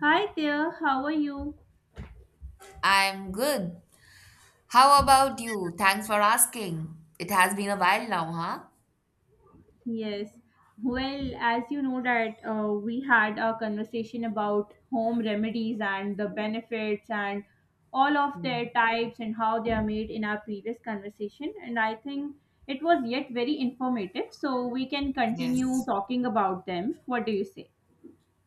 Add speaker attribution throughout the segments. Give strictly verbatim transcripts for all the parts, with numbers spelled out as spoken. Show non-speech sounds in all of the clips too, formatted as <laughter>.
Speaker 1: Hi there, how are you?
Speaker 2: I'm good. How about you? Thanks for asking. It has been a while now, huh?
Speaker 1: Yes. Well, as you know that uh, we had a conversation about home remedies and the benefits and all of their
Speaker 2: Hmm.
Speaker 1: types and how they are made in our previous conversation, and I think it was yet very informative, so we can continue
Speaker 2: Yes.
Speaker 1: talking about them. What do you say?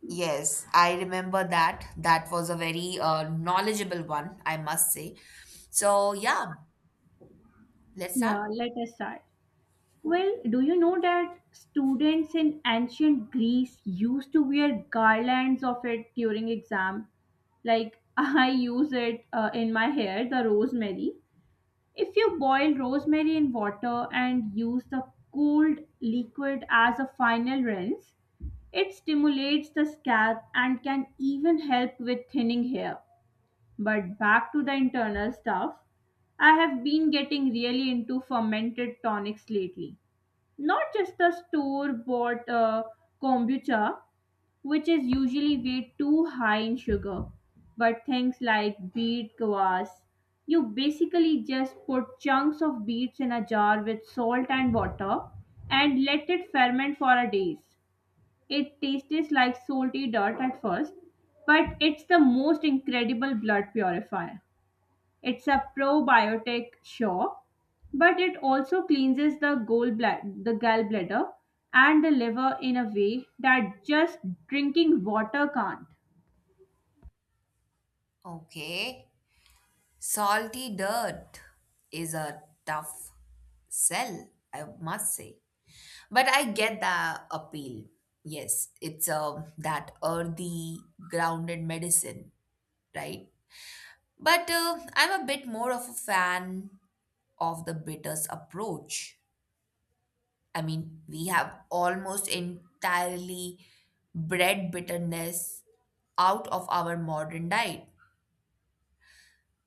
Speaker 2: Yes, I remember that. That was a very uh, knowledgeable one, I must say. So, yeah, let's start.
Speaker 1: Yeah, let us start. Well, do you know that students in ancient Greece used to wear garlands of it during exam? Like, <laughs> I use it uh, in my hair, the rosemary. If you boil rosemary in water and use the cooled liquid as a final rinse, it stimulates the scalp and can even help with thinning hair. But back to the internal stuff, I have been getting really into fermented tonics lately. Not just the store bought uh, kombucha, which is usually way too high in sugar, but things like beet kvass. You basically just put chunks of beets in a jar with salt and water and let it ferment for a days. It tastes like salty dirt at first, but it's the most incredible blood purifier. It's a probiotic, sure, but it also cleanses the gallbladder, the gallbladder and the liver in a way that just drinking water can't.
Speaker 2: Okay. Salty dirt is a tough sell, I must say. But I get the appeal. Yes, it's um that earthy, grounded medicine, right? But uh, I'm a bit more of a fan of the British approach. I mean, we have almost entirely bred bitterness out of our modern diet.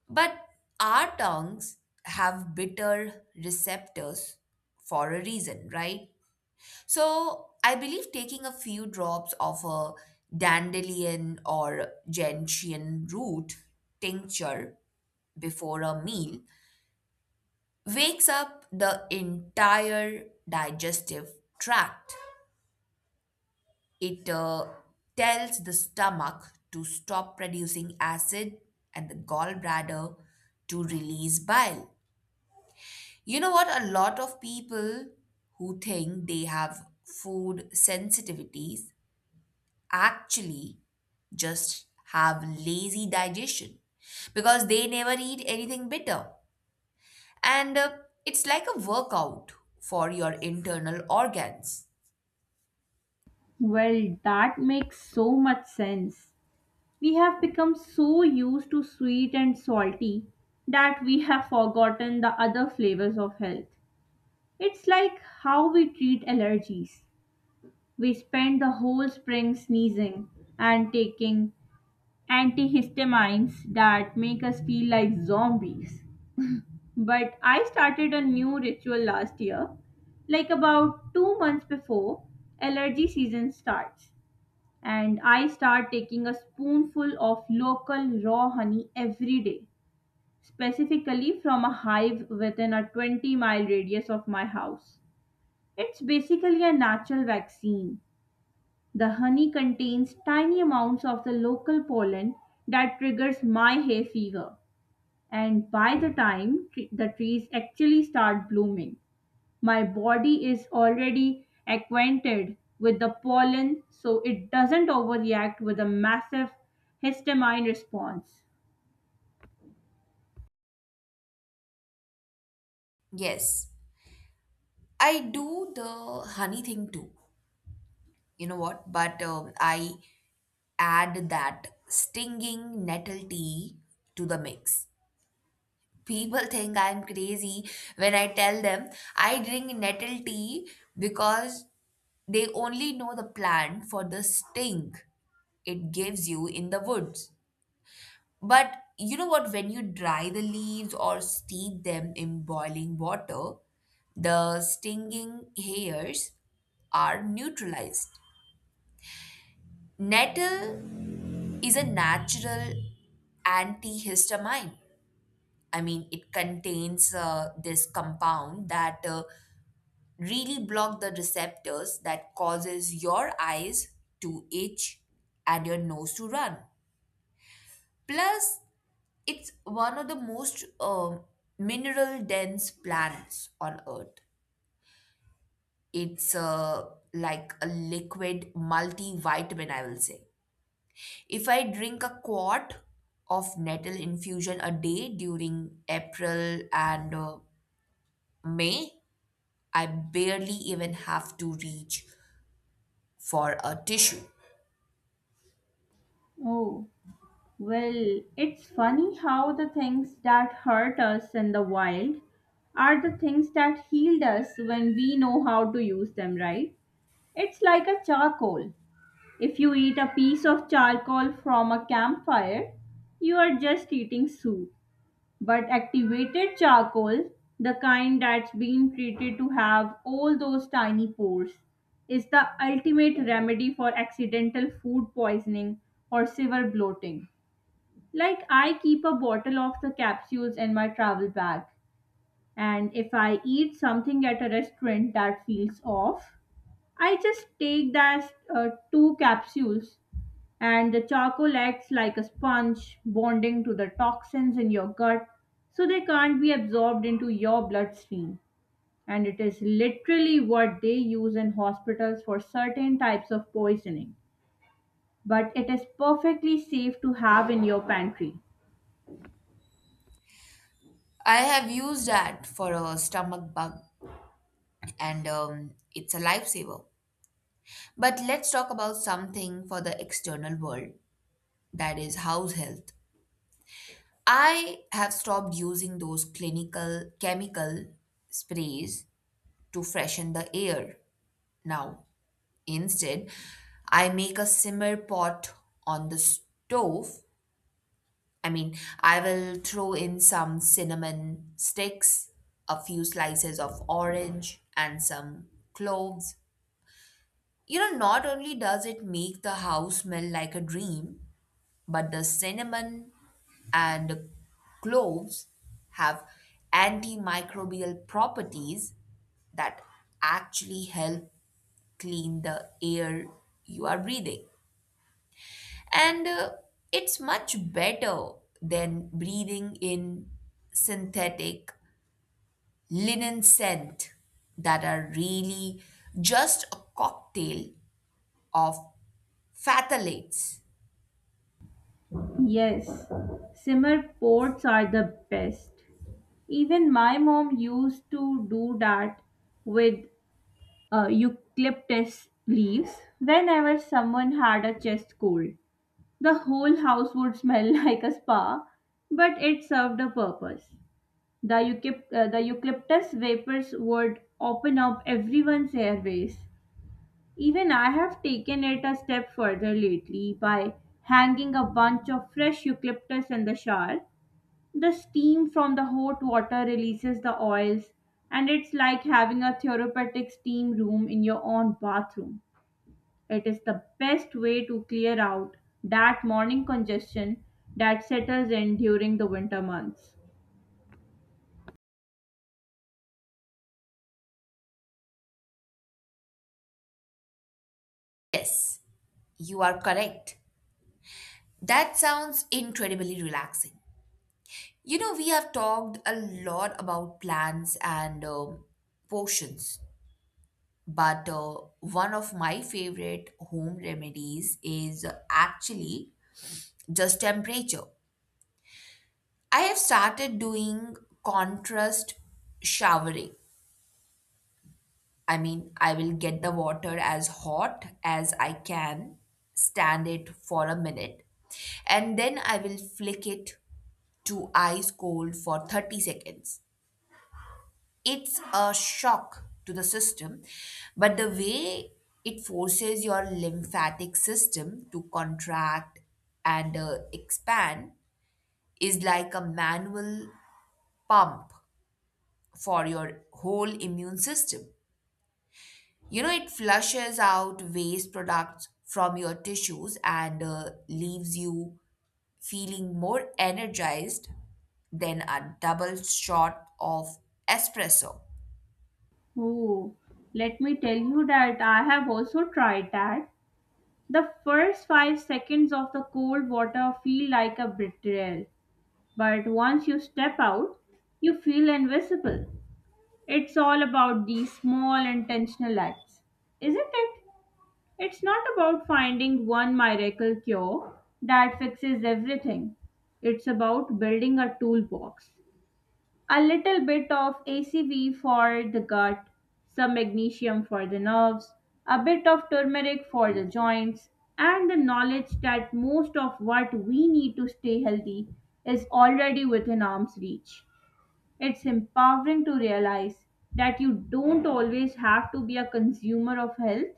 Speaker 2: But our tongues have bitter receptors for a reason, right? So I believe taking a few drops of a dandelion or gentian root tincture before a meal wakes up the entire digestive tract. It uh, tells the stomach to stop producing acid and the gallbladder to release bile. You know what? A lot of people who think they have food sensitivities actually just have lazy digestion because they never eat anything bitter. And uh, It's like a workout for your internal organs.
Speaker 1: Well, that makes so much sense. We have become so used to sweet and salty that we have forgotten the other flavors of health. It's like how we treat allergies. We spend the whole spring sneezing and taking antihistamines that make us feel like zombies. But I started a new ritual last year, like about two months before allergy season starts. And I start taking a spoonful of local raw honey every day, specifically from a hive within a twenty mile radius of my house. It's basically a natural vaccine. The honey contains tiny amounts of the local pollen that triggers my hay fever, and by the time tre- the trees actually start blooming, my body is already acquainted with the pollen, so it doesn't overreact with a massive histamine response.
Speaker 2: Yes, I do the honey thing too. You know what? But um, I add that stinging nettle tea to the mix. People think I'm crazy when I tell them I drink nettle tea because they only know the plant for the sting it gives you in the woods. But you know what? When you dry the leaves or steep them in boiling water, the stinging hairs are neutralized. Nettle is a natural antihistamine. I mean, it contains uh, this compound that uh, really block the receptors that causes your eyes to itch and your nose to run. Plus, it's one of the most um mineral dense plants on earth. It's uh, like a liquid multivitamin, I will say. If I drink a quart of nettle infusion a day during April and uh, May, I barely even have to reach for a tissue.
Speaker 1: Oh, well, it's funny how the things that hurt us in the wild are the things that healed us when we know how to use them right. It's like a charcoal. If you eat a piece of charcoal from a campfire, you are just eating soup. But activated charcoal, the kind that's been treated to have all those tiny pores, is the ultimate remedy for accidental food poisoning or severe bloating. Like, I keep a bottle of the capsules in my travel bag, and if I eat something at a restaurant that feels off, I just take that uh, two capsules, and the charcoal acts like a sponge, bonding to the toxins in your gut so they can't be absorbed into your bloodstream. And it is literally what they use in hospitals for certain types of poisoning. But it is perfectly safe to have in your pantry.
Speaker 2: I have used that for a stomach bug, and um, it's a lifesaver. But let's talk about something for the external world, that is, house health. I have stopped using those clinical chemical sprays to freshen the air now. Instead, I make a simmer pot on the stove. I mean, I will throw in some cinnamon sticks, a few slices of orange, and some cloves. You know, not only does it make the house smell like a dream, but the cinnamon and cloves have antimicrobial properties that actually help clean the air you are breathing. And uh, It's much better than breathing in synthetic linen scent that are really just a cocktail of phthalates.
Speaker 1: Yes, simmer pots are the best. Even my mom used to do that with uh, eucalyptus leaves. Whenever someone had a chest cold, the whole house would smell <laughs> like a spa, but it served a purpose. The, eucalypt- uh, the eucalyptus vapors would open up everyone's airways. Even I have taken it a step further lately by hanging a bunch of fresh eucalyptus in the shower. The steam from the hot water releases the oils, and it's like having a therapeutic steam room in your own bathroom. It is the best way to clear out that morning congestion that settles in during the winter months.
Speaker 2: Yes, you are correct. That sounds incredibly relaxing. You know, we have talked a lot about plans and um, potions, but uh, one of my favorite home remedies is actually just temperature. I have started doing contrast showering. I mean, I will get the water as hot as I can, stand it for a minute, and then I will flick it to ice cold for thirty seconds. It's a shock to the system, but the way it forces your lymphatic system to contract and uh, expand is like a manual pump for your whole immune system. You know, it flushes out waste products from your tissues and uh, leaves you feeling more energized than a double shot of espresso.
Speaker 1: Oh, let me tell you that I have also tried that. The first five seconds of the cold water feel like a betrayal, but once you step out, you feel invisible. It's all about these small intentional acts, isn't it? It's not about finding one miracle cure that fixes everything. It's about building a toolbox. A little bit of A C V for the gut, some magnesium for the nerves, a bit of turmeric for the joints, and the knowledge that most of what we need to stay healthy is already within arm's reach. It's empowering to realize that you don't always have to be a consumer of health,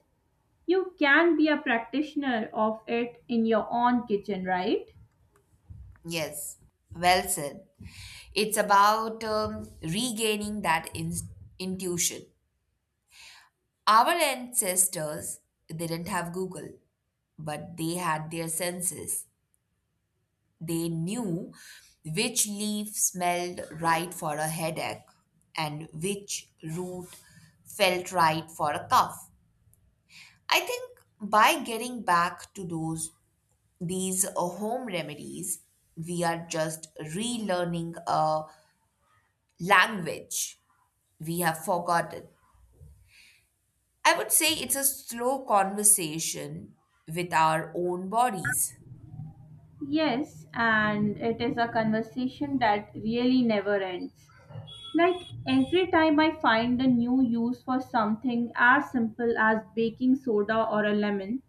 Speaker 1: you can be a practitioner of it in your own kitchen, right?
Speaker 2: Yes, well said. It's about um, regaining that in- intuition. Our ancestors didn't have Google, but they had their senses. They knew which leaf smelled right for a headache and which root felt right for a cough. I think by getting back to those these uh, home remedies, we are just relearning a language we have forgotten. I would say it's a slow conversation with our own bodies.
Speaker 1: Yes, and it is a conversation that really never ends. Like, every time I find a new use for something as simple as baking soda or a lemon,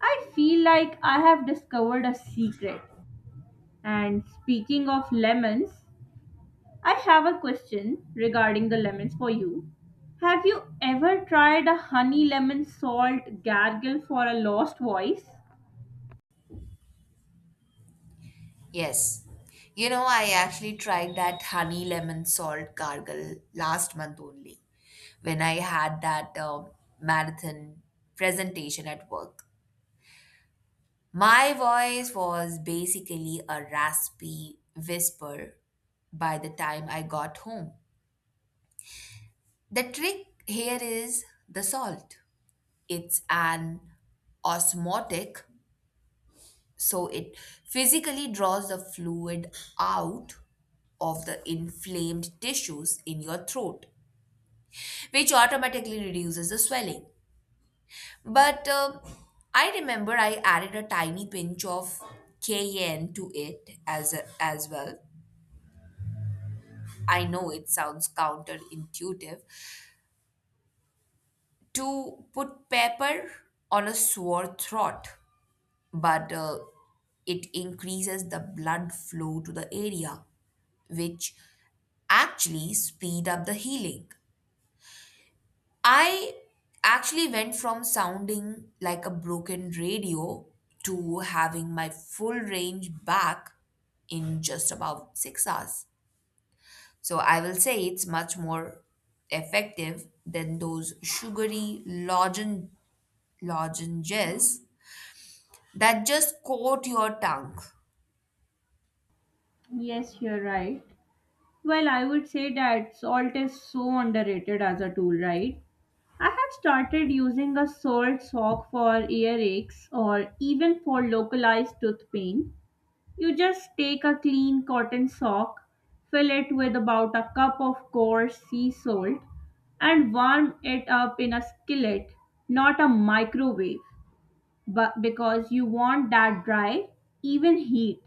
Speaker 1: I feel like I have discovered a secret. And speaking of lemons, I have a question regarding the lemons for you. Have you ever tried a honey lemon salt gargle for a lost voice?
Speaker 2: Yes. You know, I actually tried that honey lemon salt gargle last month only when I had that um marathon presentation at work. My voice was basically a raspy whisper by the time I got home. The trick here is the salt. It's an osmotic. So it physically draws the fluid out of the inflamed tissues in your throat, which automatically reduces the swelling. But um I remember I added a tiny pinch of cayenne to it as a, as well. I know it sounds counterintuitive to put pepper on a sore throat, but uh, it increases the blood flow to the area which actually speed up the healing. I actually went from sounding like a broken radio to having my full range back in just about six hours. So I will say it's much more effective than those sugary lozen- lozenges that just coat your tongue.
Speaker 1: Yes, you're right. Well, I would say that salt is so underrated as a tool, right? I have started using a salt sock for earaches or even for localized tooth pain. You just take a clean cotton sock, fill it with about a cup of coarse sea salt, and warm it up in a skillet, not a microwave, but because you want that dry, even heat.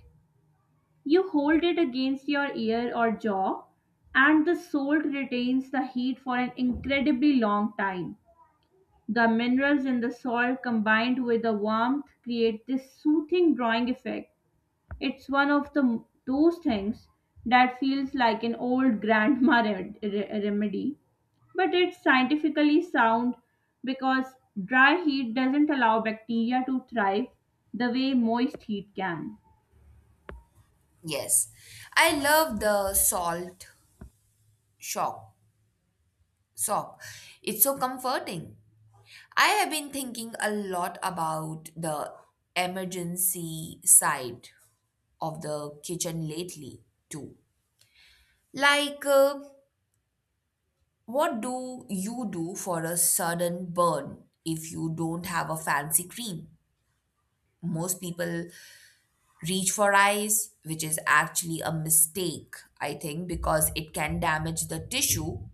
Speaker 1: You hold it against your ear or jaw, and the salt retains the heat for an incredibly long time. The minerals in the salt combined with the warmth create this soothing drawing effect. It's one of the those things that feels like an old <laughs> grandma rem- re- remedy, but it's scientifically sound because dry heat doesn't allow bacteria to thrive the way moist heat can.
Speaker 2: Yes, I love the salt shock. Sock. It's so comforting. I have been thinking a lot about the emergency side of the kitchen lately, too. Like, uh, what do you do for a sudden burn if you don't have a fancy cream? Most people reach for ice, which is actually a mistake, I think, because it can damage the tissue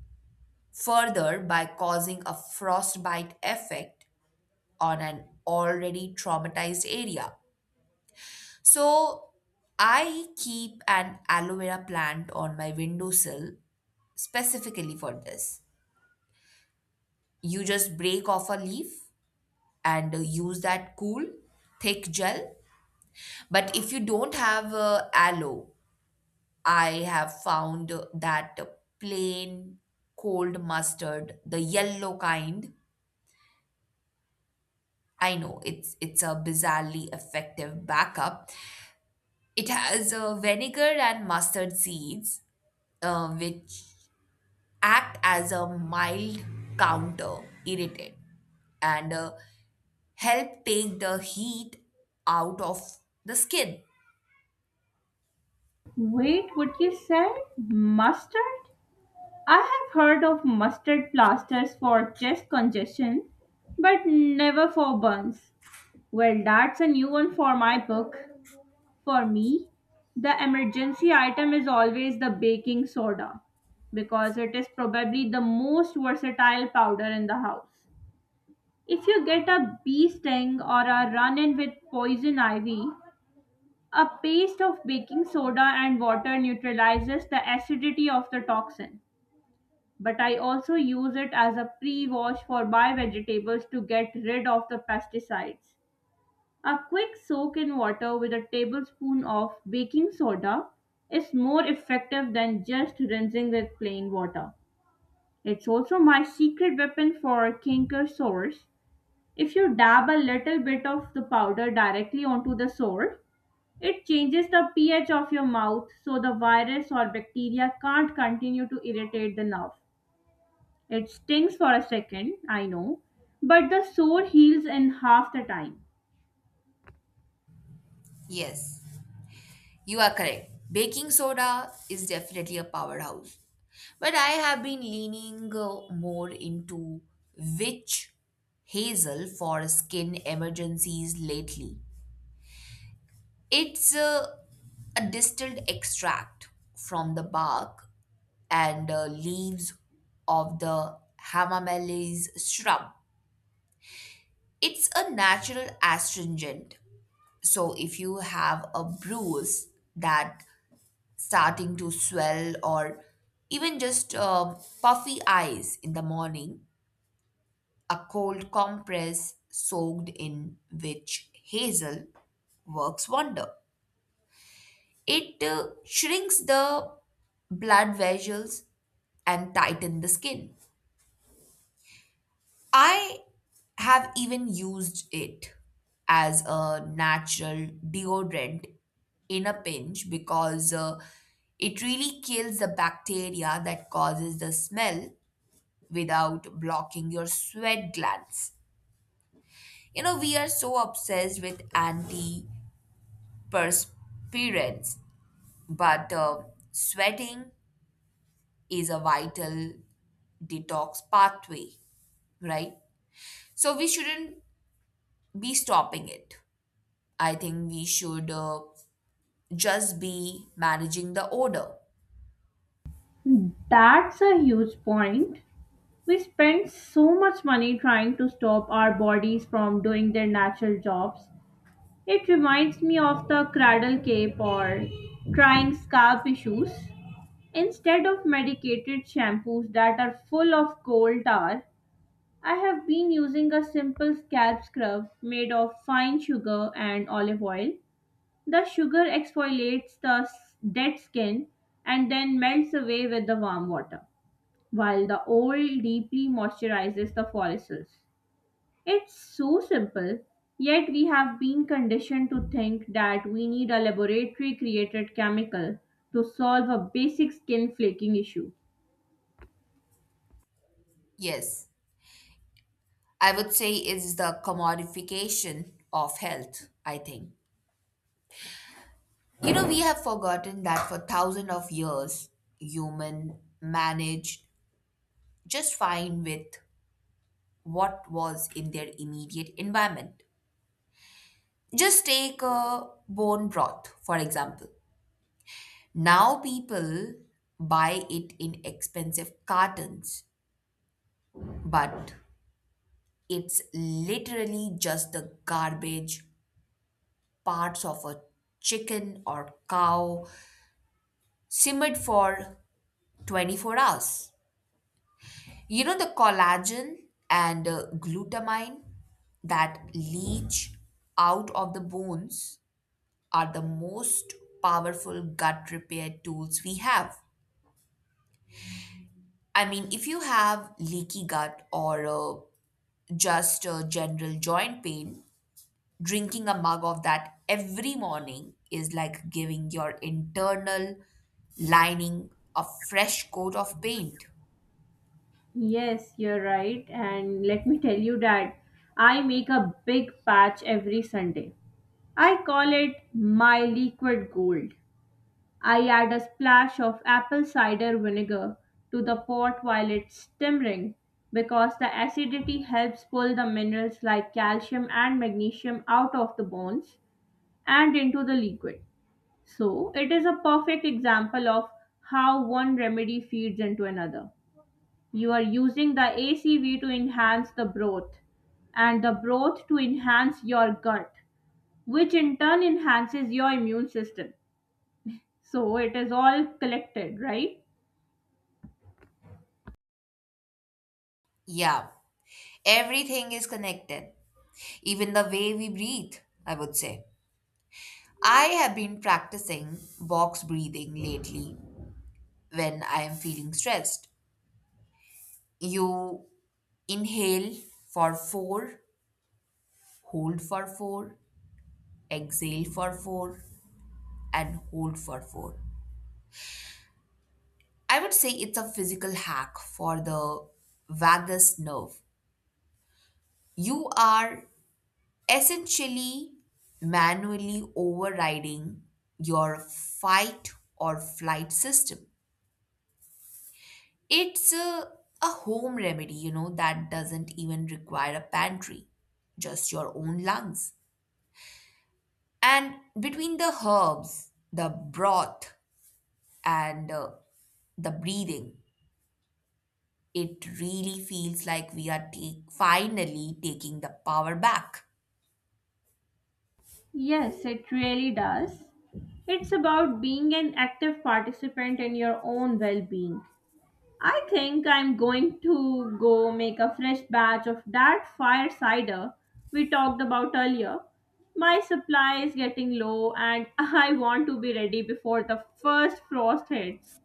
Speaker 2: further by causing a frostbite effect on an already traumatized area. So I keep an aloe vera plant on my windowsill specifically for this. You just break off a leaf and uh, use that cool, thick gel. But if you don't have uh, aloe, I have found uh, that uh, plain cold mustard, the yellow kind. I know it's it's a bizarrely effective backup. It has uh, vinegar and mustard seeds, uh, which act as a mild counter irritant and uh, help take the heat out of the skin.
Speaker 1: Wait, what you said? Mustard? I have heard of mustard plasters for chest congestion, but never for burns. Well, that's a new one for my book. For me, the emergency item is always the baking soda, because it is probably the most versatile powder in the house. If you get a bee sting or a run in with poison ivy, a paste of baking soda and water neutralizes the acidity of the toxin. But I also use it as a pre wash for my vegetables to get rid of the pesticides. A quick soak in water with a tablespoon of baking soda is more effective than just rinsing with plain water. It's also my secret weapon for canker sores. If you dab a little bit of the powder directly onto the sore, it changes the pH of your mouth so the virus or bacteria can't continue to irritate the nerve. It stings for a second, I know, but the sore heals in half the time.
Speaker 2: Yes, you are correct. Baking soda is definitely a powerhouse. But I have been leaning uh, more into witch hazel for skin emergencies lately. It's uh, a distilled extract from the bark and uh, leaves of the hamamelis shrub. It's a natural astringent. So if you have a bruise that starting to swell or even just uh, puffy eyes in the morning, a cold compress soaked in witch hazel works wonder. It uh, shrinks the blood vessels and tighten the skin. I have even used it as a natural deodorant in a pinch because uh, it really kills the bacteria that causes the smell without blocking your sweat glands. You know, we are so obsessed with antiperspirants, but uh, sweating is a vital detox pathway, right? So we shouldn't be stopping it. I think we should uh, just be managing the odor.
Speaker 1: That's a huge point. We spend so much money trying to stop our bodies from doing their natural jobs. It reminds me of the cradle cape or trying scalp issues. Instead of medicated shampoos that are full of coal tar, I have been using a simple scalp scrub made of fine sugar and olive oil. The sugar exfoliates the s- dead skin and then melts away with the warm water, while the old deeply moisturizes the follicles. It's so simple, yet we have been conditioned to think that we need a laboratory created chemical to solve a basic skin flaking issue.
Speaker 2: Yes, I would say it's the commodification of health, I think. You know, we have forgotten that for thousands of years, human managed just fine with what was in their immediate environment. Just take a bone broth, for example. Now people buy it in expensive cartons, but it's literally just the garbage, parts of a chicken or cow simmered for twenty-four hours. You know the collagen and uh, glutamine that leach out of the bones are the most powerful gut repair tools we have. I mean, if you have leaky gut or uh, just uh, general joint pain, drinking a mug of that every morning is like giving your internal lining a fresh coat of paint.
Speaker 1: Yes, you're right, and let me tell you that I make a big patch every Sunday. I call it my liquid gold. I add a splash of apple cider vinegar to the pot while it's simmering, because the acidity helps pull the minerals like calcium and magnesium out of the bones and into the liquid. So, it is a perfect example of how one remedy feeds into another. You are using the A C V to enhance the broth and the broth to enhance your gut, which in turn enhances your immune system. So, it is all collected, right?
Speaker 2: Yeah, everything is connected, even the way we breathe, I would say. I have been practicing box breathing lately when I am feeling stressed. You inhale for four, hold for four, exhale for four, and hold for four. I would say it's a physical hack for the vagus nerve. You are essentially manually overriding your fight or flight system. It's a, a home remedy, you know, that doesn't even require a pantry, just your own lungs. And between the herbs, the broth, and uh, the breathing, it really feels like we are take, finally taking the power back.
Speaker 1: Yes, it really does. It's about being an active participant in your own well being. I think I'm going to go make a fresh batch of that fire cider we talked about earlier. My supply is getting low, and <laughs> I want to be ready before the first frost hits.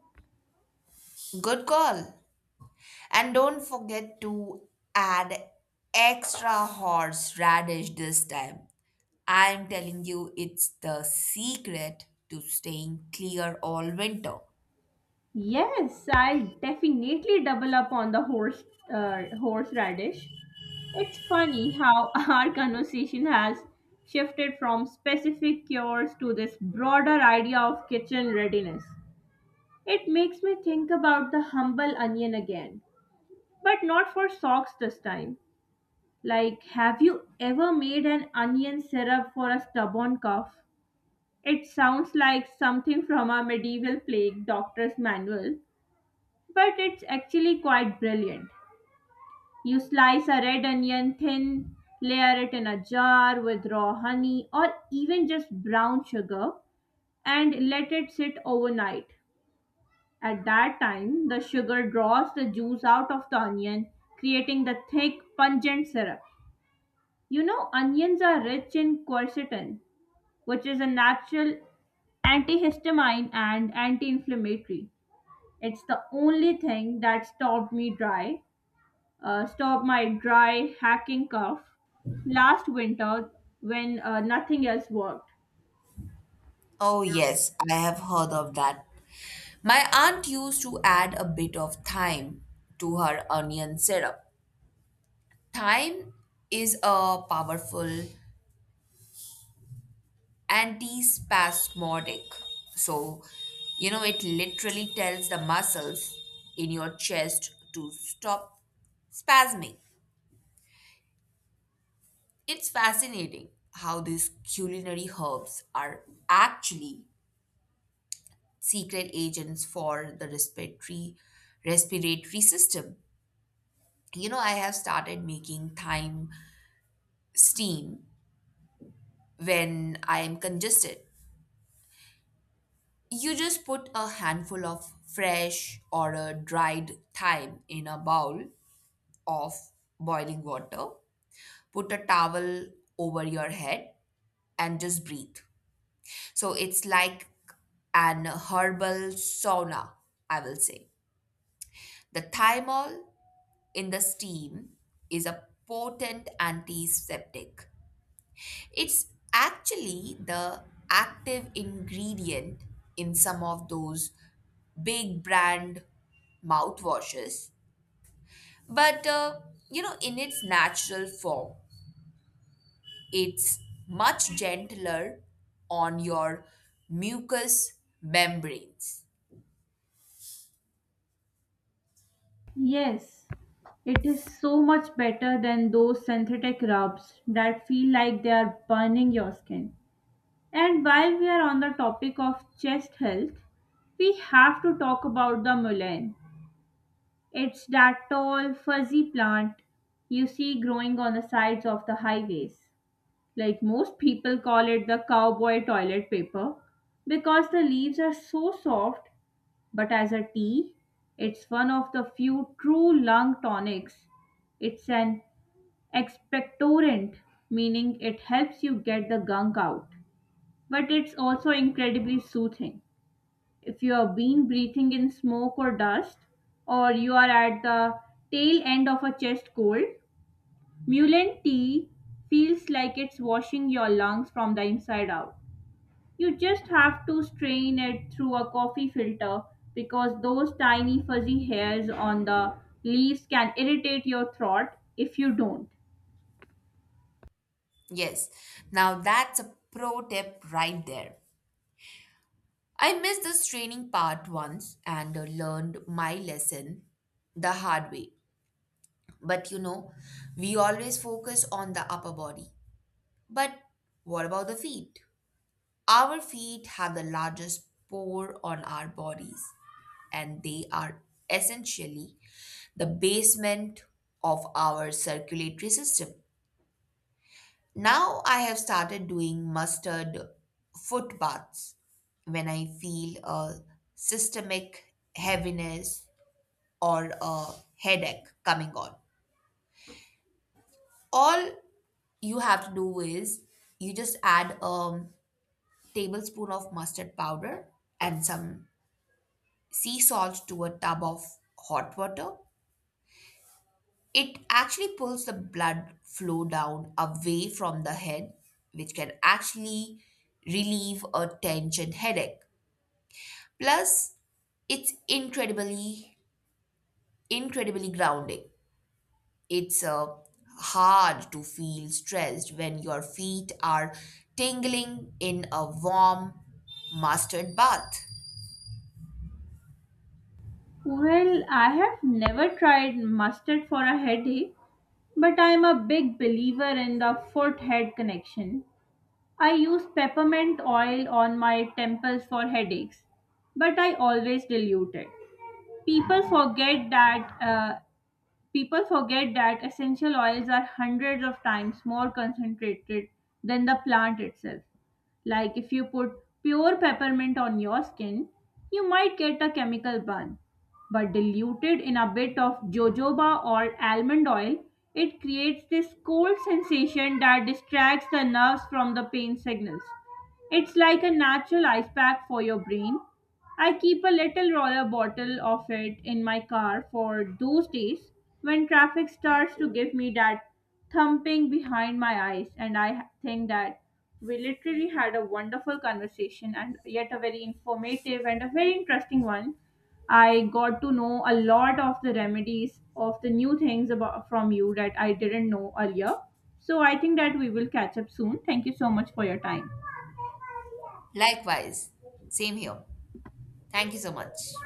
Speaker 2: Good call. And don't forget to add extra horseradish this time. I'm telling you, it's the secret to staying clear all winter.
Speaker 1: Yes, I'll definitely double up on the horse uh, horseradish. It's funny how <laughs> our conversation has shifted from specific cures to this broader idea of kitchen readiness. It makes me think about the humble onion again, but not for socks this time. Like, have you ever made an onion syrup for a stubborn cough? It sounds like something from a medieval plague doctor's manual, but it's actually quite brilliant. You slice a red onion thin, layer it in a jar with raw honey or even just brown sugar, and let it sit overnight. At that time, the sugar draws the juice out of the onion, creating the thick, pungent syrup. You know, onions are rich in quercetin, which is a natural antihistamine and anti inflammatory. It's the only thing that stopped me dry uh, stop my dry hacking cough last winter when uh, nothing else worked.
Speaker 2: Oh, yes, I have heard of that. My aunt used to add a bit of thyme to her onion syrup. Thyme is a powerful antispasmodic. So, you know, it literally tells the muscles in your chest to stop spasming. It's fascinating how these culinary herbs are actually secret agents for the respiratory respiratory system. You know, I have started making thyme steam when I am congested. You just put a handful of fresh or a dried thyme in a bowl of boiling water, put a towel over your head, and just breathe. So it's like an herbal sauna, I will say. The thymol in the steam is a potent antiseptic. It's actually the active ingredient in some of those big brand mouthwashes, but uh, you know, in its natural form, it's much gentler on your mucous membranes.
Speaker 1: Yes, it is so much better than those synthetic rubs that feel like they are burning your skin. And while we are on the topic of chest health, we have to talk about the mullein. It's that tall, fuzzy plant you see growing on the sides of the highways. Like, most people call it the cowboy toilet paper because the leaves are so soft, but as a tea, it's one of the few true lung tonics. It's an expectorant, meaning it helps you get the gunk out. But it's also incredibly soothing. If you have been breathing in smoke or dust, or you are at the tail end of a chest cold, mullein tea feels like it's washing your lungs from the inside out. You just have to strain it through a coffee filter because those tiny fuzzy hairs on the leaves can irritate your throat if you don't.
Speaker 2: Yes, now that's a pro tip right there. I missed this training part once and uh, learned my lesson the hard way. But you know, we always focus on the upper body. But what about the feet? Our feet have the largest pore on our bodies, and they are essentially the basement of our circulatory system. Now I have started doing mustard foot baths when I feel a systemic heaviness or a headache coming on. All you have to do is you just add a tablespoon of mustard powder and some sea salt to a tub of hot water. It actually pulls the blood flow down away from the head, which can actually relieve a tension headache. Plus, it's incredibly, incredibly grounding. It's uh, hard to feel stressed when your feet are tingling in a warm mustard bath.
Speaker 1: Well, I have never tried mustard for a headache, but I am a big believer in the foot head connection. I use peppermint oil on my temples for headaches, but I always dilute it. People forget that uh, People forget that essential oils are hundreds of times more concentrated than the plant itself. Like, if you put pure peppermint on your skin, you might get a chemical burn, but diluted in a bit of jojoba or almond oil, it creates this cold sensation that distracts the nerves from the pain signals. It's like a natural ice pack for your brain. I keep a little roller bottle of it in my car for those days when traffic starts to give me that thumping behind my eyes, and I think that we literally had a wonderful conversation and yet a very informative and a very interesting one. I got to know a lot of the remedies of the new things about from you that I didn't know earlier. So I think that we will catch up soon. Thank you so much for your time.
Speaker 2: Likewise, same here. Thank you so much.